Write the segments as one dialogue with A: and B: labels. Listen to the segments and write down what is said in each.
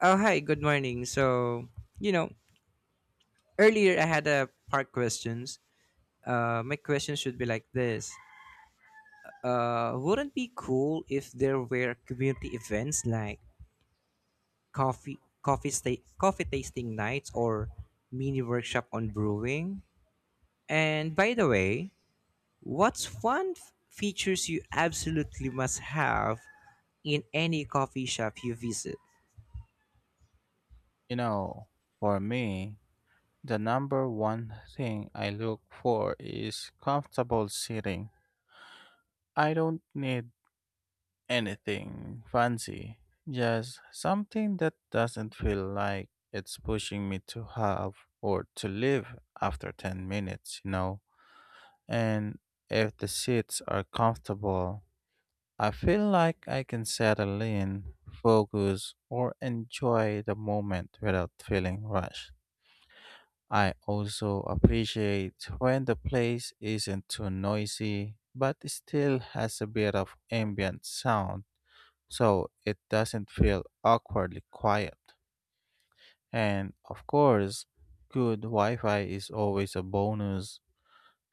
A: Oh, hi, good morning. You know, earlier I had a part questions. My question should be like this. Wouldn't be cool if there were community events like coffee tasting nights or mini workshop on brewing? And by the way, what's one features you absolutely must have in any coffee shop you visit?
B: You know, for me, the number one thing I look for is comfortable sitting. I don't need anything fancy, just something that doesn't feel like it's pushing me to have or to leave after 10 minutes. And if the seats are comfortable, I feel like I can settle in, focus, or enjoy the moment without feeling rushed. I also appreciate when the place isn't too noisy but still has a bit of ambient sound so it doesn't feel awkwardly quiet. And of course, good Wi Fi is always a bonus,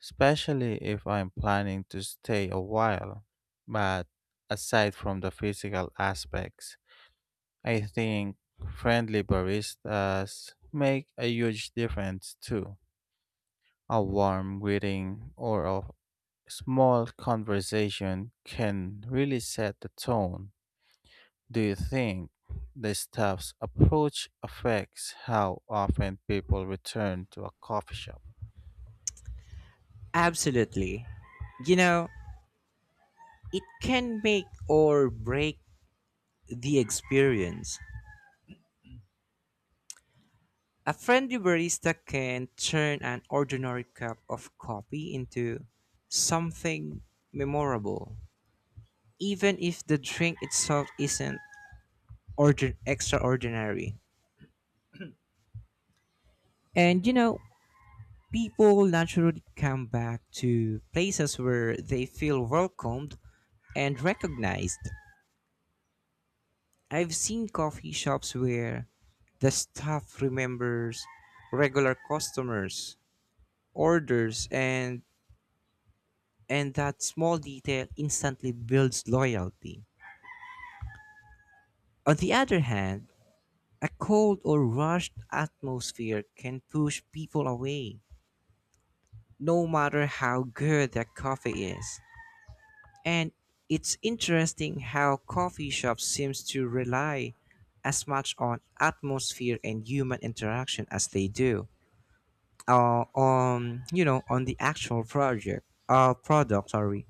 B: especially if I'm planning to stay a while. But aside from the physical aspects, I think friendly baristas make a huge difference too. A warm greeting or a small conversation can really set the tone. Do you think the staff's approach affects how often people return to a coffee shop?
A: Absolutely. You know, it can make or break the experience. A friendly barista can turn an ordinary cup of coffee into something memorable, even if the drink itself isn't extraordinary. And you know, people naturally come back to places where they feel welcomed and recognized. I've seen coffee shops where the staff remembers regular customers, orders, and that small detail instantly builds loyalty. On the other hand, a cold or rushed atmosphere can push people away, no matter how good their coffee is. And it's interesting how coffee shops seems to rely as much on atmosphere and human interaction as they do on you know on the actual project product, sorry.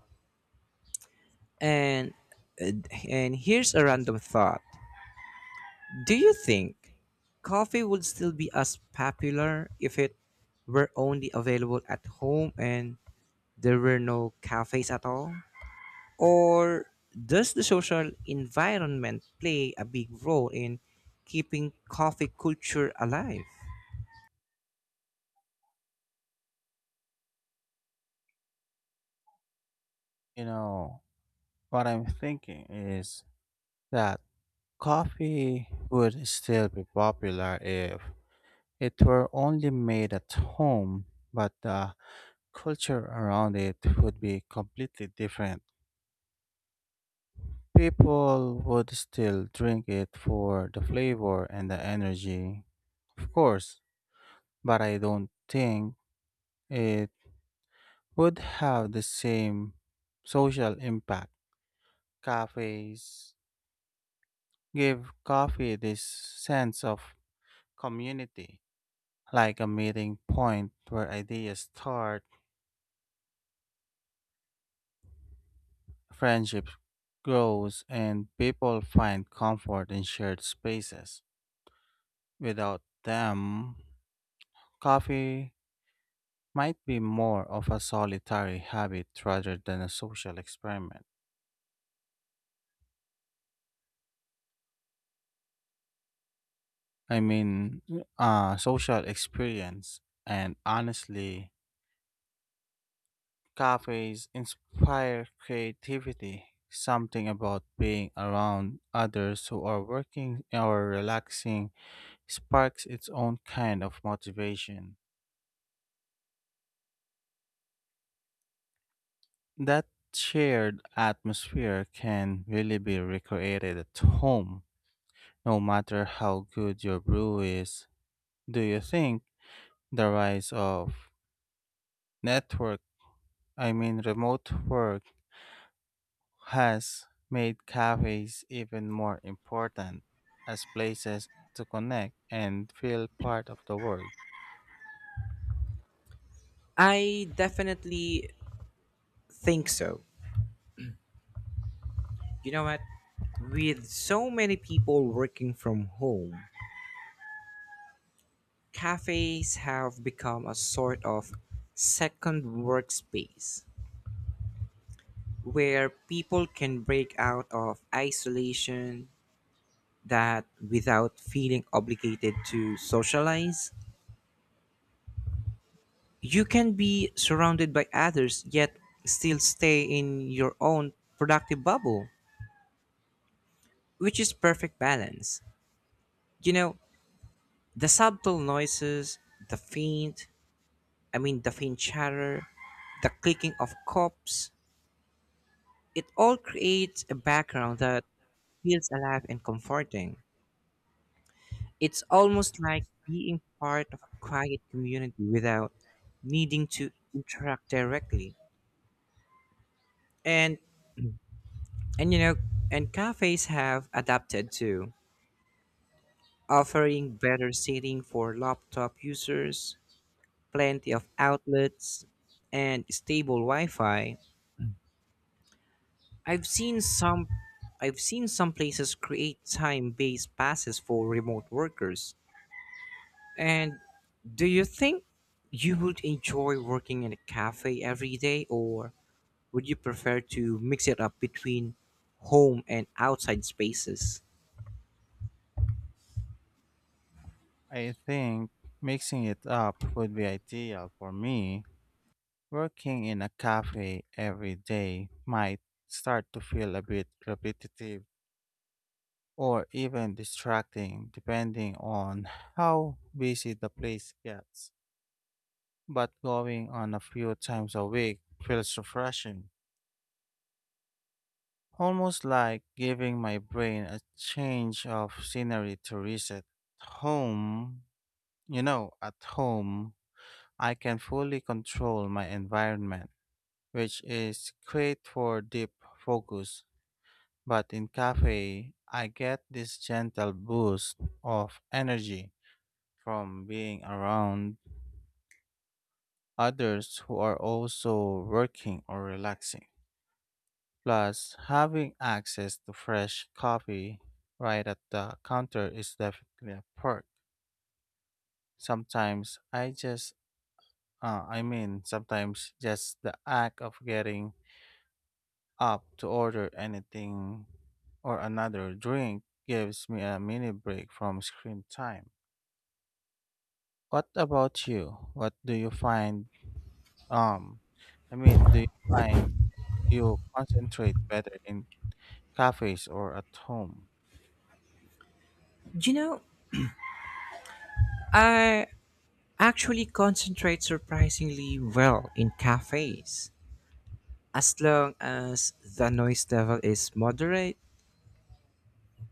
A: And and here's a random thought. Do you think coffee would still be as popular if it were only available at home and there were no cafes at all? Or does the social environment play a big role in keeping coffee culture alive?
B: You know, what I'm thinking is that coffee would still be popular if it were only made at home, but the culture around it would be completely different. People would still drink it for the flavor and the energy, of course, but I don't think it would have the same social impact. Cafes give coffee this sense of community, like a meeting point where ideas start, friendships grows, and people find comfort in shared spaces. Without them, coffee might be more of a solitary habit rather than a social experiment. I mean, social experience. And honestly, cafes inspire creativity. Something about being around others who are working or relaxing sparks its own kind of motivation. That shared atmosphere can really be recreated at home, no matter how good your brew is. Do you think the rise of network, I mean remote work, has made cafes even more important as places to connect and feel part of the world.
A: I definitely think so. You know what? With so many people working from home, cafes have become a sort of second workspace where people can break out of isolation that without feeling obligated to socialize, you can be surrounded by others yet still stay in your own productive bubble, which is perfect balance. You know, the subtle noises, the faint chatter, the clicking of cups, it all creates a background that feels alive and comforting. It's almost like being part of a quiet community without needing to interact directly. And and you know, and cafes have adapted too, offering better seating for laptop users, plenty of outlets, and stable Wi-Fi. I've seen some I've seen some places create time-based passes for remote workers. And do you think you would enjoy working in a cafe every day, or would you prefer to mix it up between home and outside spaces?
B: I think mixing it up would be ideal for me. Working in a cafe every day might start to feel a bit repetitive or even distracting depending on how busy the place gets. But going on a few times a week feels refreshing, almost like giving my brain a change of scenery to reset. Home, at home, I can fully control my environment, which is great for deep focus. But in cafe, I get this gentle boost of energy from being around others who are also working or relaxing. Plus, having access to fresh coffee right at the counter is definitely a perk. Sometimes I mean, sometimes just the act of getting up to order anything or another drink gives me a mini break from screen time. What about you? What do you find, um, I mean, do you find you concentrate better in cafes or at home?
A: You know, I actually concentrate surprisingly well in cafes. As long as the noise level is moderate,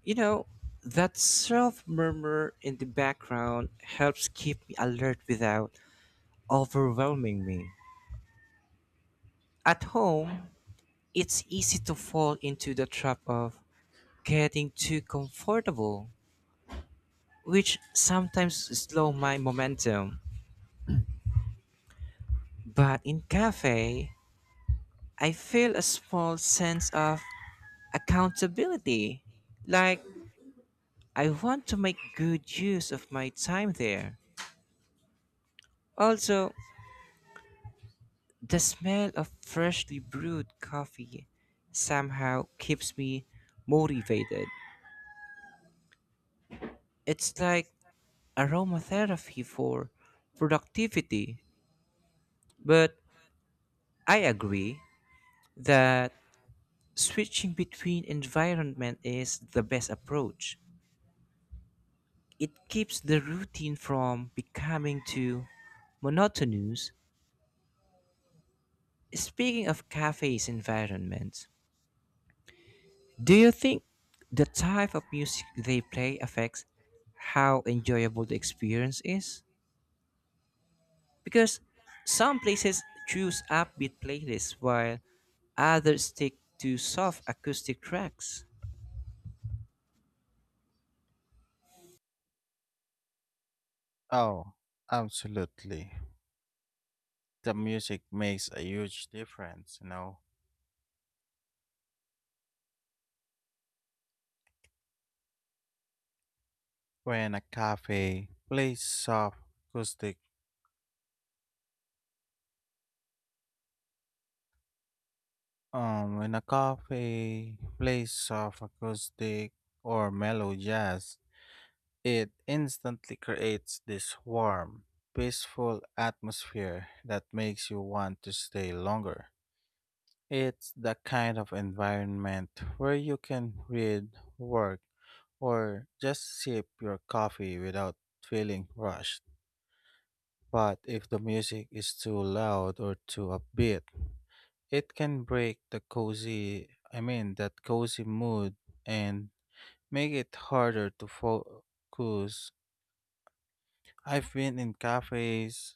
A: you know, that self murmur in the background helps keep me alert without overwhelming me. At home, it's easy to fall into the trap of getting too comfortable, which sometimes slow my momentum. But in cafe, I feel a small sense of accountability, like I want to make good use of my time there. Also, the smell of freshly brewed coffee somehow keeps me motivated. It's like aromatherapy for productivity, but I agree that switching between environment is the best approach. It keeps the routine from becoming too monotonous. Speaking of cafes environments, do you think the type of music they play affects how enjoyable the experience is? Because some places choose upbeat playlists while others stick to soft acoustic tracks.
B: Oh, absolutely. The music makes a huge difference. When a cafe plays soft acoustic, when a cafe plays soft acoustic or mellow jazz, it instantly creates this warm, peaceful atmosphere that makes you want to stay longer. It's the kind of environment where you can read, work, or just sip your coffee without feeling rushed. But if the music is too loud or too upbeat, it can break I mean, that cozy mood and make it harder to focus. I've been in cafes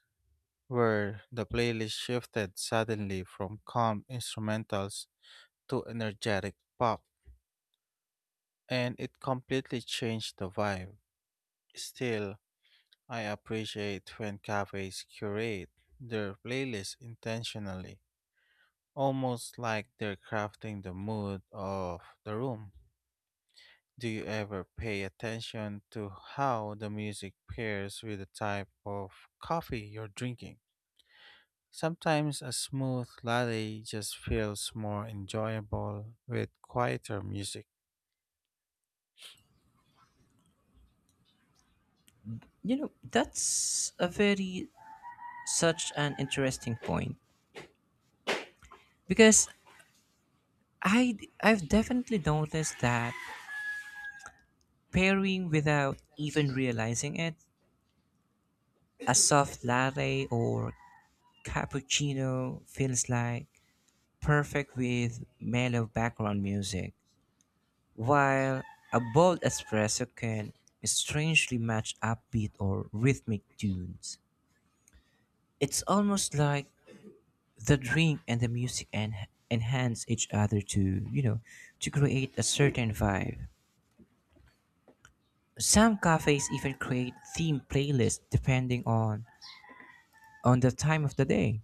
B: where the playlist shifted suddenly from calm instrumentals to energetic pop, and it completely changed the vibe. Still, I appreciate when cafes curate their playlists intentionally almost like they're crafting the mood of the room. Do you ever pay attention to how the music pairs with the type of coffee you're drinking? Sometimes a smooth latte just feels more enjoyable with quieter music.
A: You know, that's a very such an interesting point because I've definitely noticed that pairing without even realizing it. A soft latte or cappuccino feels like perfect with mellow background music, while a bold espresso can strangely match upbeat or rhythmic tunes. It's almost like the drink and the music enhance each other to, you know, to create a certain vibe. Some cafes even create theme playlists depending on the time of the day.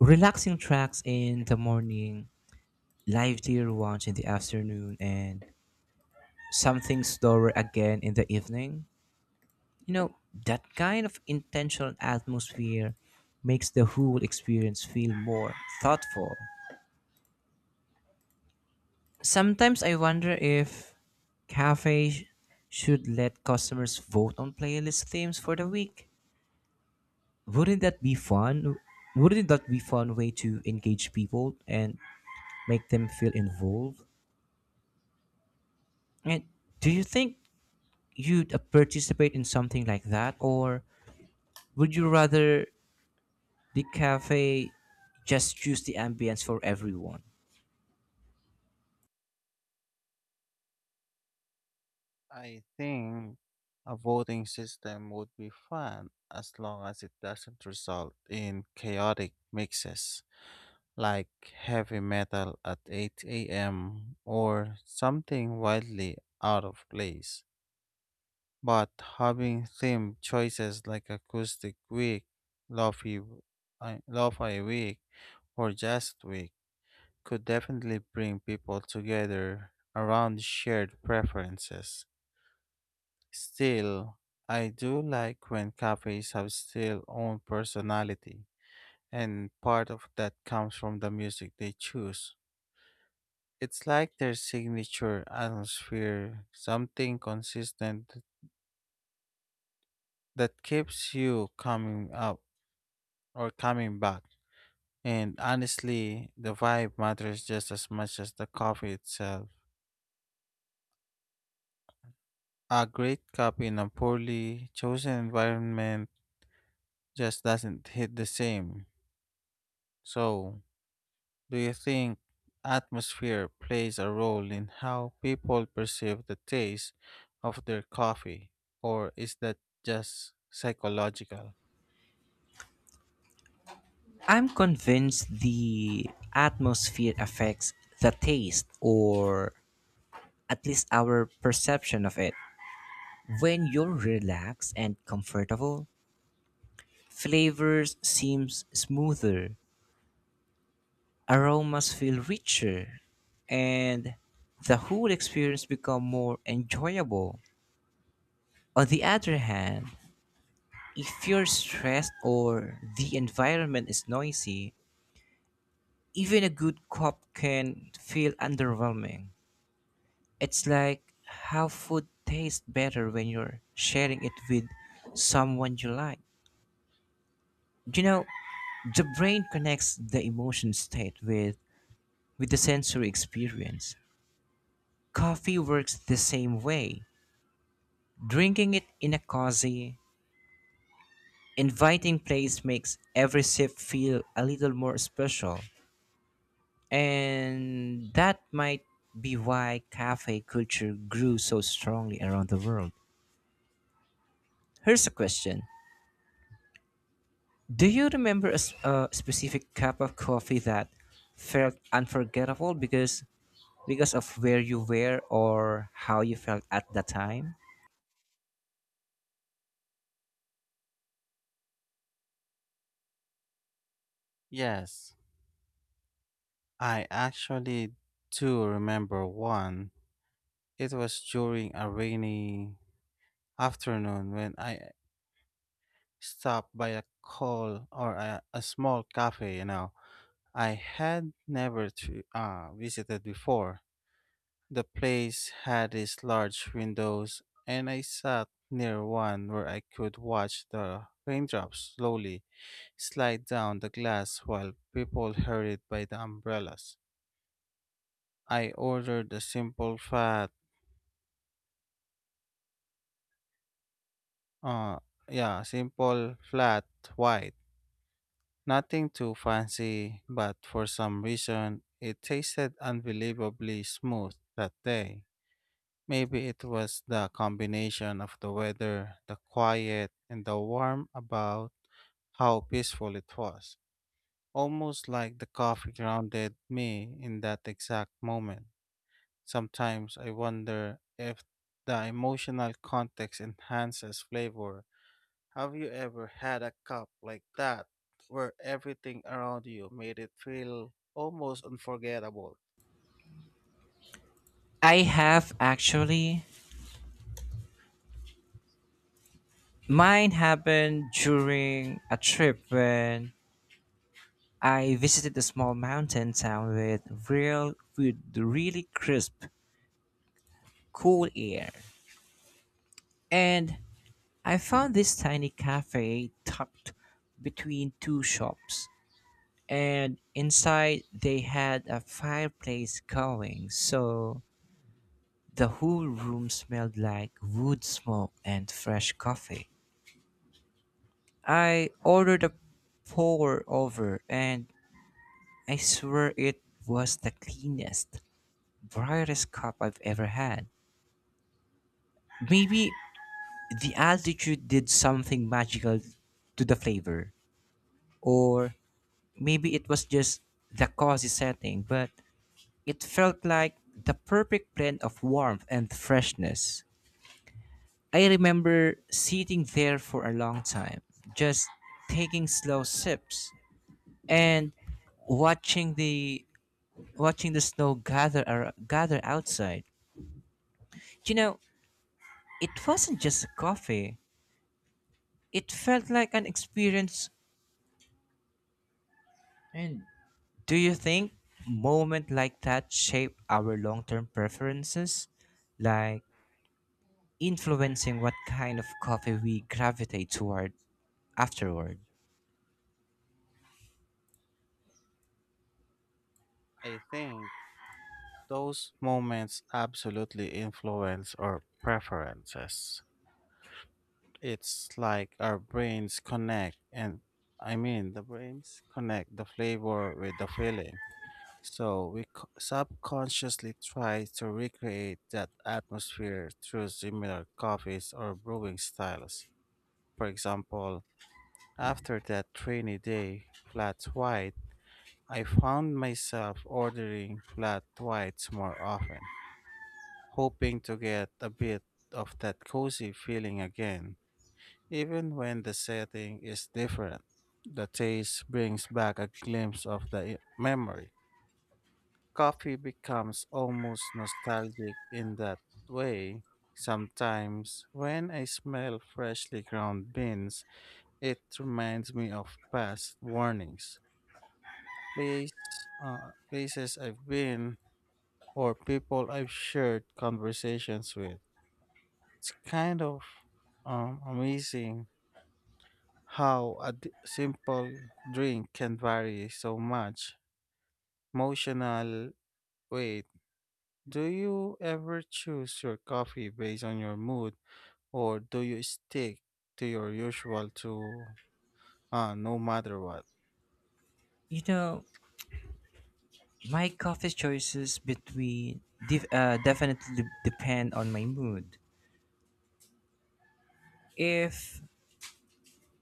A: Relaxing tracks in the morning, livelier ones in the afternoon, and something slower again in the evening. You know, that kind of intentional atmosphere makes the whole experience feel more thoughtful. Sometimes I wonder if cafes should let customers vote on playlist themes for the week. Wouldn't that be fun? Wouldn't that be fun way to engage people and make them feel involved? And do you think you'd participate in something like that, or would you rather the cafe just choose the ambience for everyone?
B: I think a voting system would be fun as long as it doesn't result in chaotic mixes, like heavy metal at 8 a.m. or something wildly out of place. But having theme choices like Acoustic Week, Lo-fi, Lo-fi Week, or Jazz Week could definitely bring people together around shared preferences. Still, I do like when cafes have still own personality, and part of that comes from the music they choose. It's like their signature atmosphere, something consistent that keeps you coming up or coming back. And honestly, the vibe matters just as much as the coffee itself. A great cup in a poorly chosen environment just doesn't hit the same. So, do you think atmosphere plays a role in how people perceive the taste of their coffee, or is that just psychological?
A: I'm convinced the atmosphere affects the taste, or at least our perception of it. When you're relaxed and comfortable, flavors seems smoother, aromas feel richer, and the whole experience become more enjoyable. On the other hand, if you're stressed or the environment is noisy, even a good cup can feel underwhelming. It's like how food tastes better when you're sharing it with someone you like. You know, the brain connects the emotion state with the sensory experience. Coffee works the same way. Drinking it in a cozy, inviting place makes every sip feel a little more special. And that might be why cafe culture grew so strongly around the world. Here's a question. Do you remember a specific cup of coffee that felt unforgettable because of where you were or how you felt at the time?
B: Yes, I actually do remember one. It was during a rainy afternoon when I stopped by a call or a small cafe. I had never visited before. The place had these large windows, and I sat near one where I could watch the raindrops slowly slide down the glass while people hurried by the umbrellas. I ordered the uh, yeah, simple flat white. Nothing too fancy, but for some reason it tasted unbelievably smooth that day. Maybe it was the combination of the weather, the quiet, and the warm about how peaceful it was. Almost like the coffee grounded me in that exact moment. Sometimes I wonder if the emotional context enhances flavor. Have you ever had a cup like that where everything around you made it feel almost unforgettable?
A: I have actually. Mine happened during a trip when I visited a small mountain town with really crisp, cool air. And I found this tiny cafe tucked between two shops. And inside they had a fireplace going, so the whole room smelled like wood smoke and fresh coffee. I ordered a pour over, and I swear it was the cleanest, brightest cup I've ever had. Maybe the altitude did something magical to the flavor, or maybe it was just the cozy setting, but it felt like the perfect blend of warmth and freshness. I remember sitting there for a long time, just taking slow sips and watching the watching the snow gather outside. You know, it wasn't just a coffee. It felt like an experience. And do you think moments like that shape our long term preferences? Like influencing what kind of coffee we gravitate toward afterward?
B: I think those moments absolutely influence our preferences. It's like our brains connect and I mean, the brains connect the flavor with the feeling. So we subconsciously try to recreate that atmosphere through similar coffees or brewing styles. For example, after that rainy day, flat white, I found myself ordering flat whites more often, hoping to get a bit of that cozy feeling again, even when the setting is different. The taste brings back a glimpse of the memory. Coffee becomes almost nostalgic in that way. Sometimes, when I smell freshly ground beans, it reminds me of past warnings, place, places I've been, or people I've shared conversations with. It's kind of amazing how a simple drink can vary so much emotional way. Do you ever choose your coffee based on your mood, or do you stick to your usual to no matter what?
A: You know, my coffee choices between definitely depend on my mood. If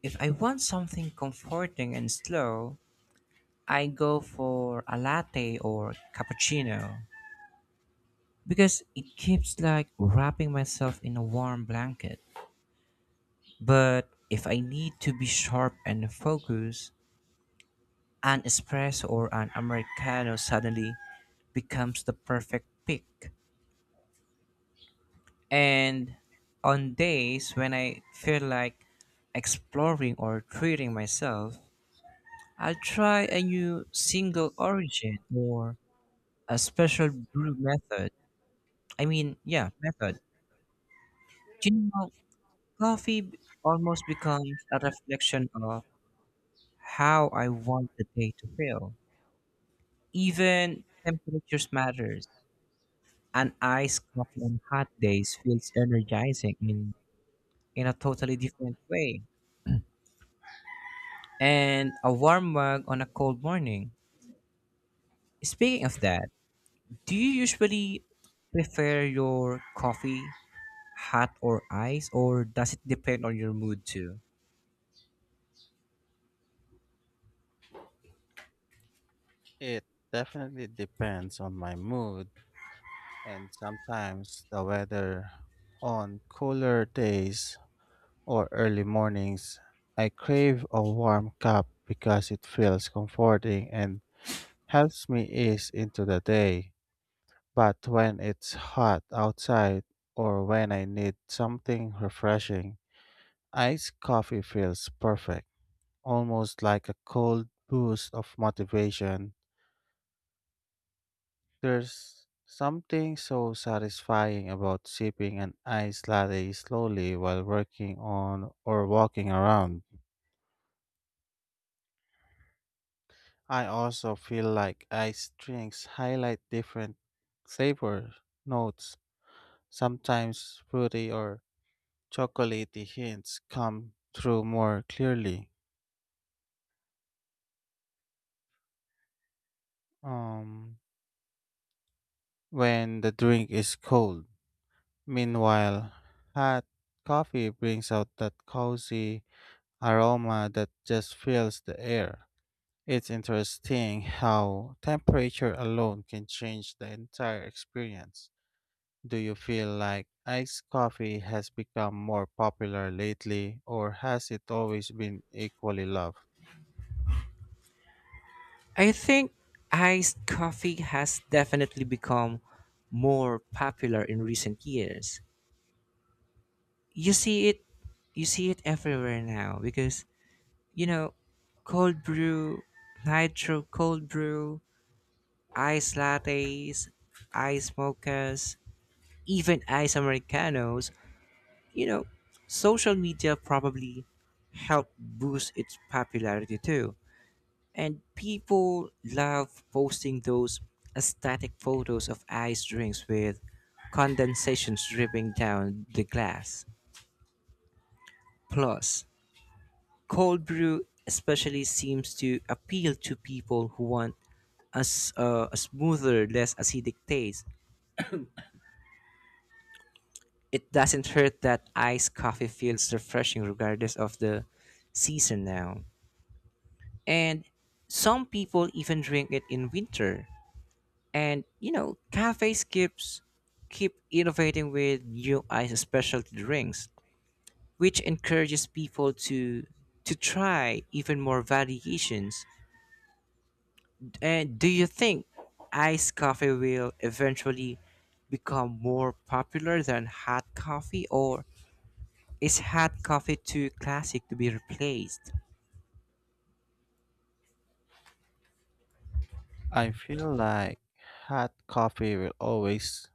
A: if I want something comforting and slow, I go for a latte or cappuccino because it keeps like wrapping myself in a warm blanket. But if I need to be sharp and focused, an espresso or an Americano suddenly becomes the perfect pick. And on days when I feel like exploring or treating myself, I'll try a new single origin or a special brew method. I mean, yeah, method. You know, coffee almost becomes a reflection of how I want the day to feel. Even temperatures matters. An iced coffee on hot days feels in a totally different way. And a warm mug on a cold morning. Speaking of that, do you usually prefer your coffee hot or ice, or does it depend on your mood too?
B: It definitely depends on my mood and sometimes the weather. On cooler days or early mornings, I crave a warm cup because it feels comforting and helps me ease into the day. But when it's hot outside or when I need something refreshing, iced coffee feels perfect, almost like a cold boost of motivation. There's something so satisfying about sipping an iced latte slowly while working on or walking around. I also feel like iced drinks highlight different flavor notes. Sometimes fruity or chocolatey hints come through more clearly um, when the drink is cold. Meanwhile, hot coffee brings out that cozy aroma that just fills the air. It's interesting how temperature alone can change the entire experience. Do you feel like iced coffee has become more popular lately, or has it always been equally loved?
A: I think iced coffee has definitely become more popular in recent years. You see it you see it everywhere now because you know, cold brew, nitro cold brew, ice lattes, ice mochas, even ice americanos, you know, social media probably helped boost its popularity too. And people love posting those aesthetic photos of ice drinks with condensation dripping down the glass. Plus, cold brew especially seems to appeal to people who want as a smoother, less acidic taste. It doesn't hurt that iced coffee feels refreshing regardless of the season now. And some people even drink it in winter. And you know, cafes keep innovating with new iced specialty drinks, which encourages people to try even more variations. And do you think iced coffee will eventually become more popular than hot coffee, or is hot coffee too classic to be replaced?
B: I feel like hot coffee will always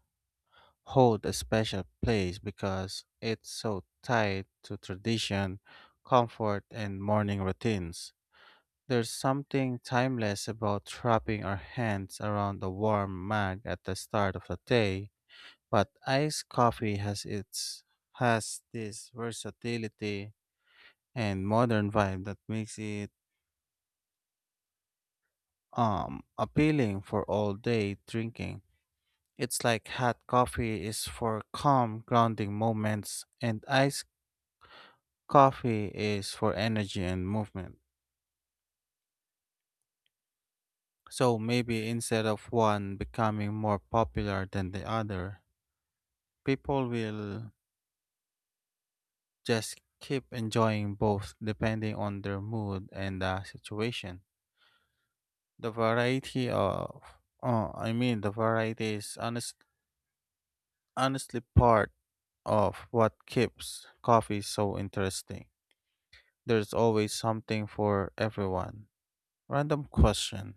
B: hold a special place because it's so tied to tradition, comfort, and morning routines. There's something timeless about wrapping our hands around a warm mug at the start of the day, but iced coffee has this versatility and modern vibe that makes it appealing for all day drinking. It's like hot coffee is for calm, grounding moments, and iced coffee is for energy and movement. So maybe instead of one becoming more popular than the other, people will just keep enjoying both depending on their mood and the situation. The variety oh, I mean, the variety is honestly part of what keeps coffee so interesting. There's always something for everyone. Random question.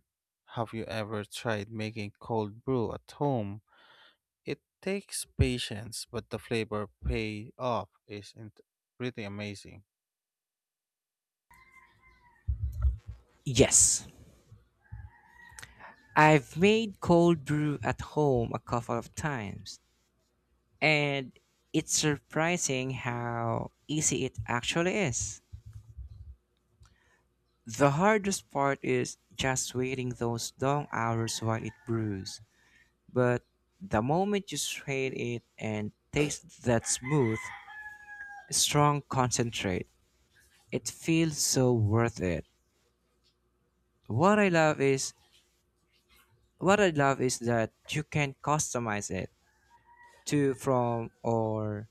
B: Have you ever tried making cold brew at home? It takes patience, but the flavor payoff is pretty amazing.
A: Yes, I've made cold brew at home a couple of times, and it's surprising how easy it actually is. The hardest part is just waiting those long hours while it brews, but the moment you strain it and taste that smooth, strong concentrate. It feels so worth it. What I love is what I love is that you can customize it to from or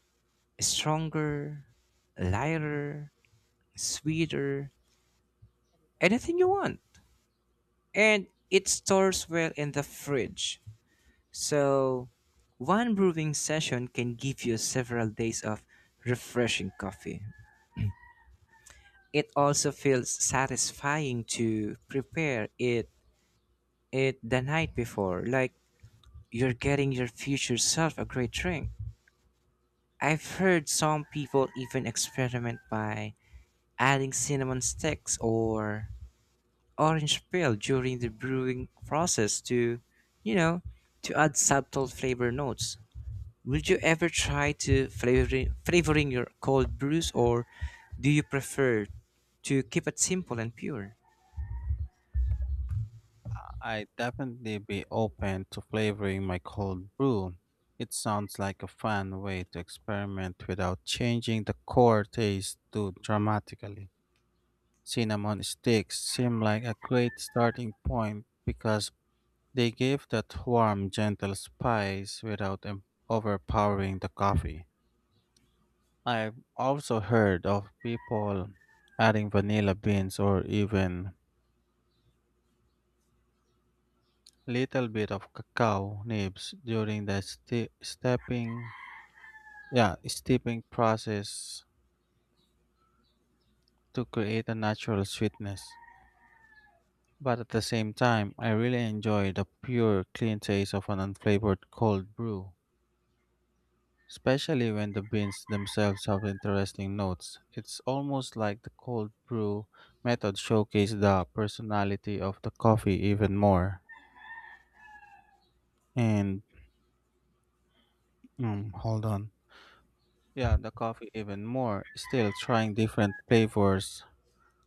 A: stronger, lighter, sweeter, anything you want. And it stores well in the fridge. So one brewing session can give you several days of refreshing coffee. It also feels satisfying to prepare it the night before, like you're getting your future self a great drink. I've heard some people even experiment by adding cinnamon sticks or orange peel during the brewing process to, you know, to add subtle flavor notes. Would you ever try to flavoring your cold brews, or do you prefer to keep it simple and pure?
B: I definitely be open to flavoring my cold brew. It sounds like a fun way to experiment without changing the core taste too dramatically. Cinnamon sticks seem like a great starting point because they gave that warm, gentle spice without overpowering the coffee. I've also heard of people adding vanilla beans or even little bit of cacao nibs during the ste- stepping yeah, steeping process to create a natural sweetness, but at the same time I really enjoy the pure clean taste of an unflavored cold brew, especially when the beans themselves have interesting notes. It's almost like the cold brew method showcased the personality of the coffee even more. And hold on. Yeah, the coffee even more. Still trying different flavors.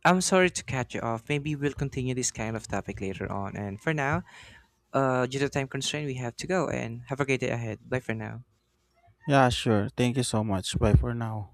A: I'm sorry to cut you off. Maybe we'll continue this kind of topic later on. And for now, due to time constraint, we have to go. And have a great day ahead. Bye for now.
B: Yeah, sure. Thank you so much. Bye for now.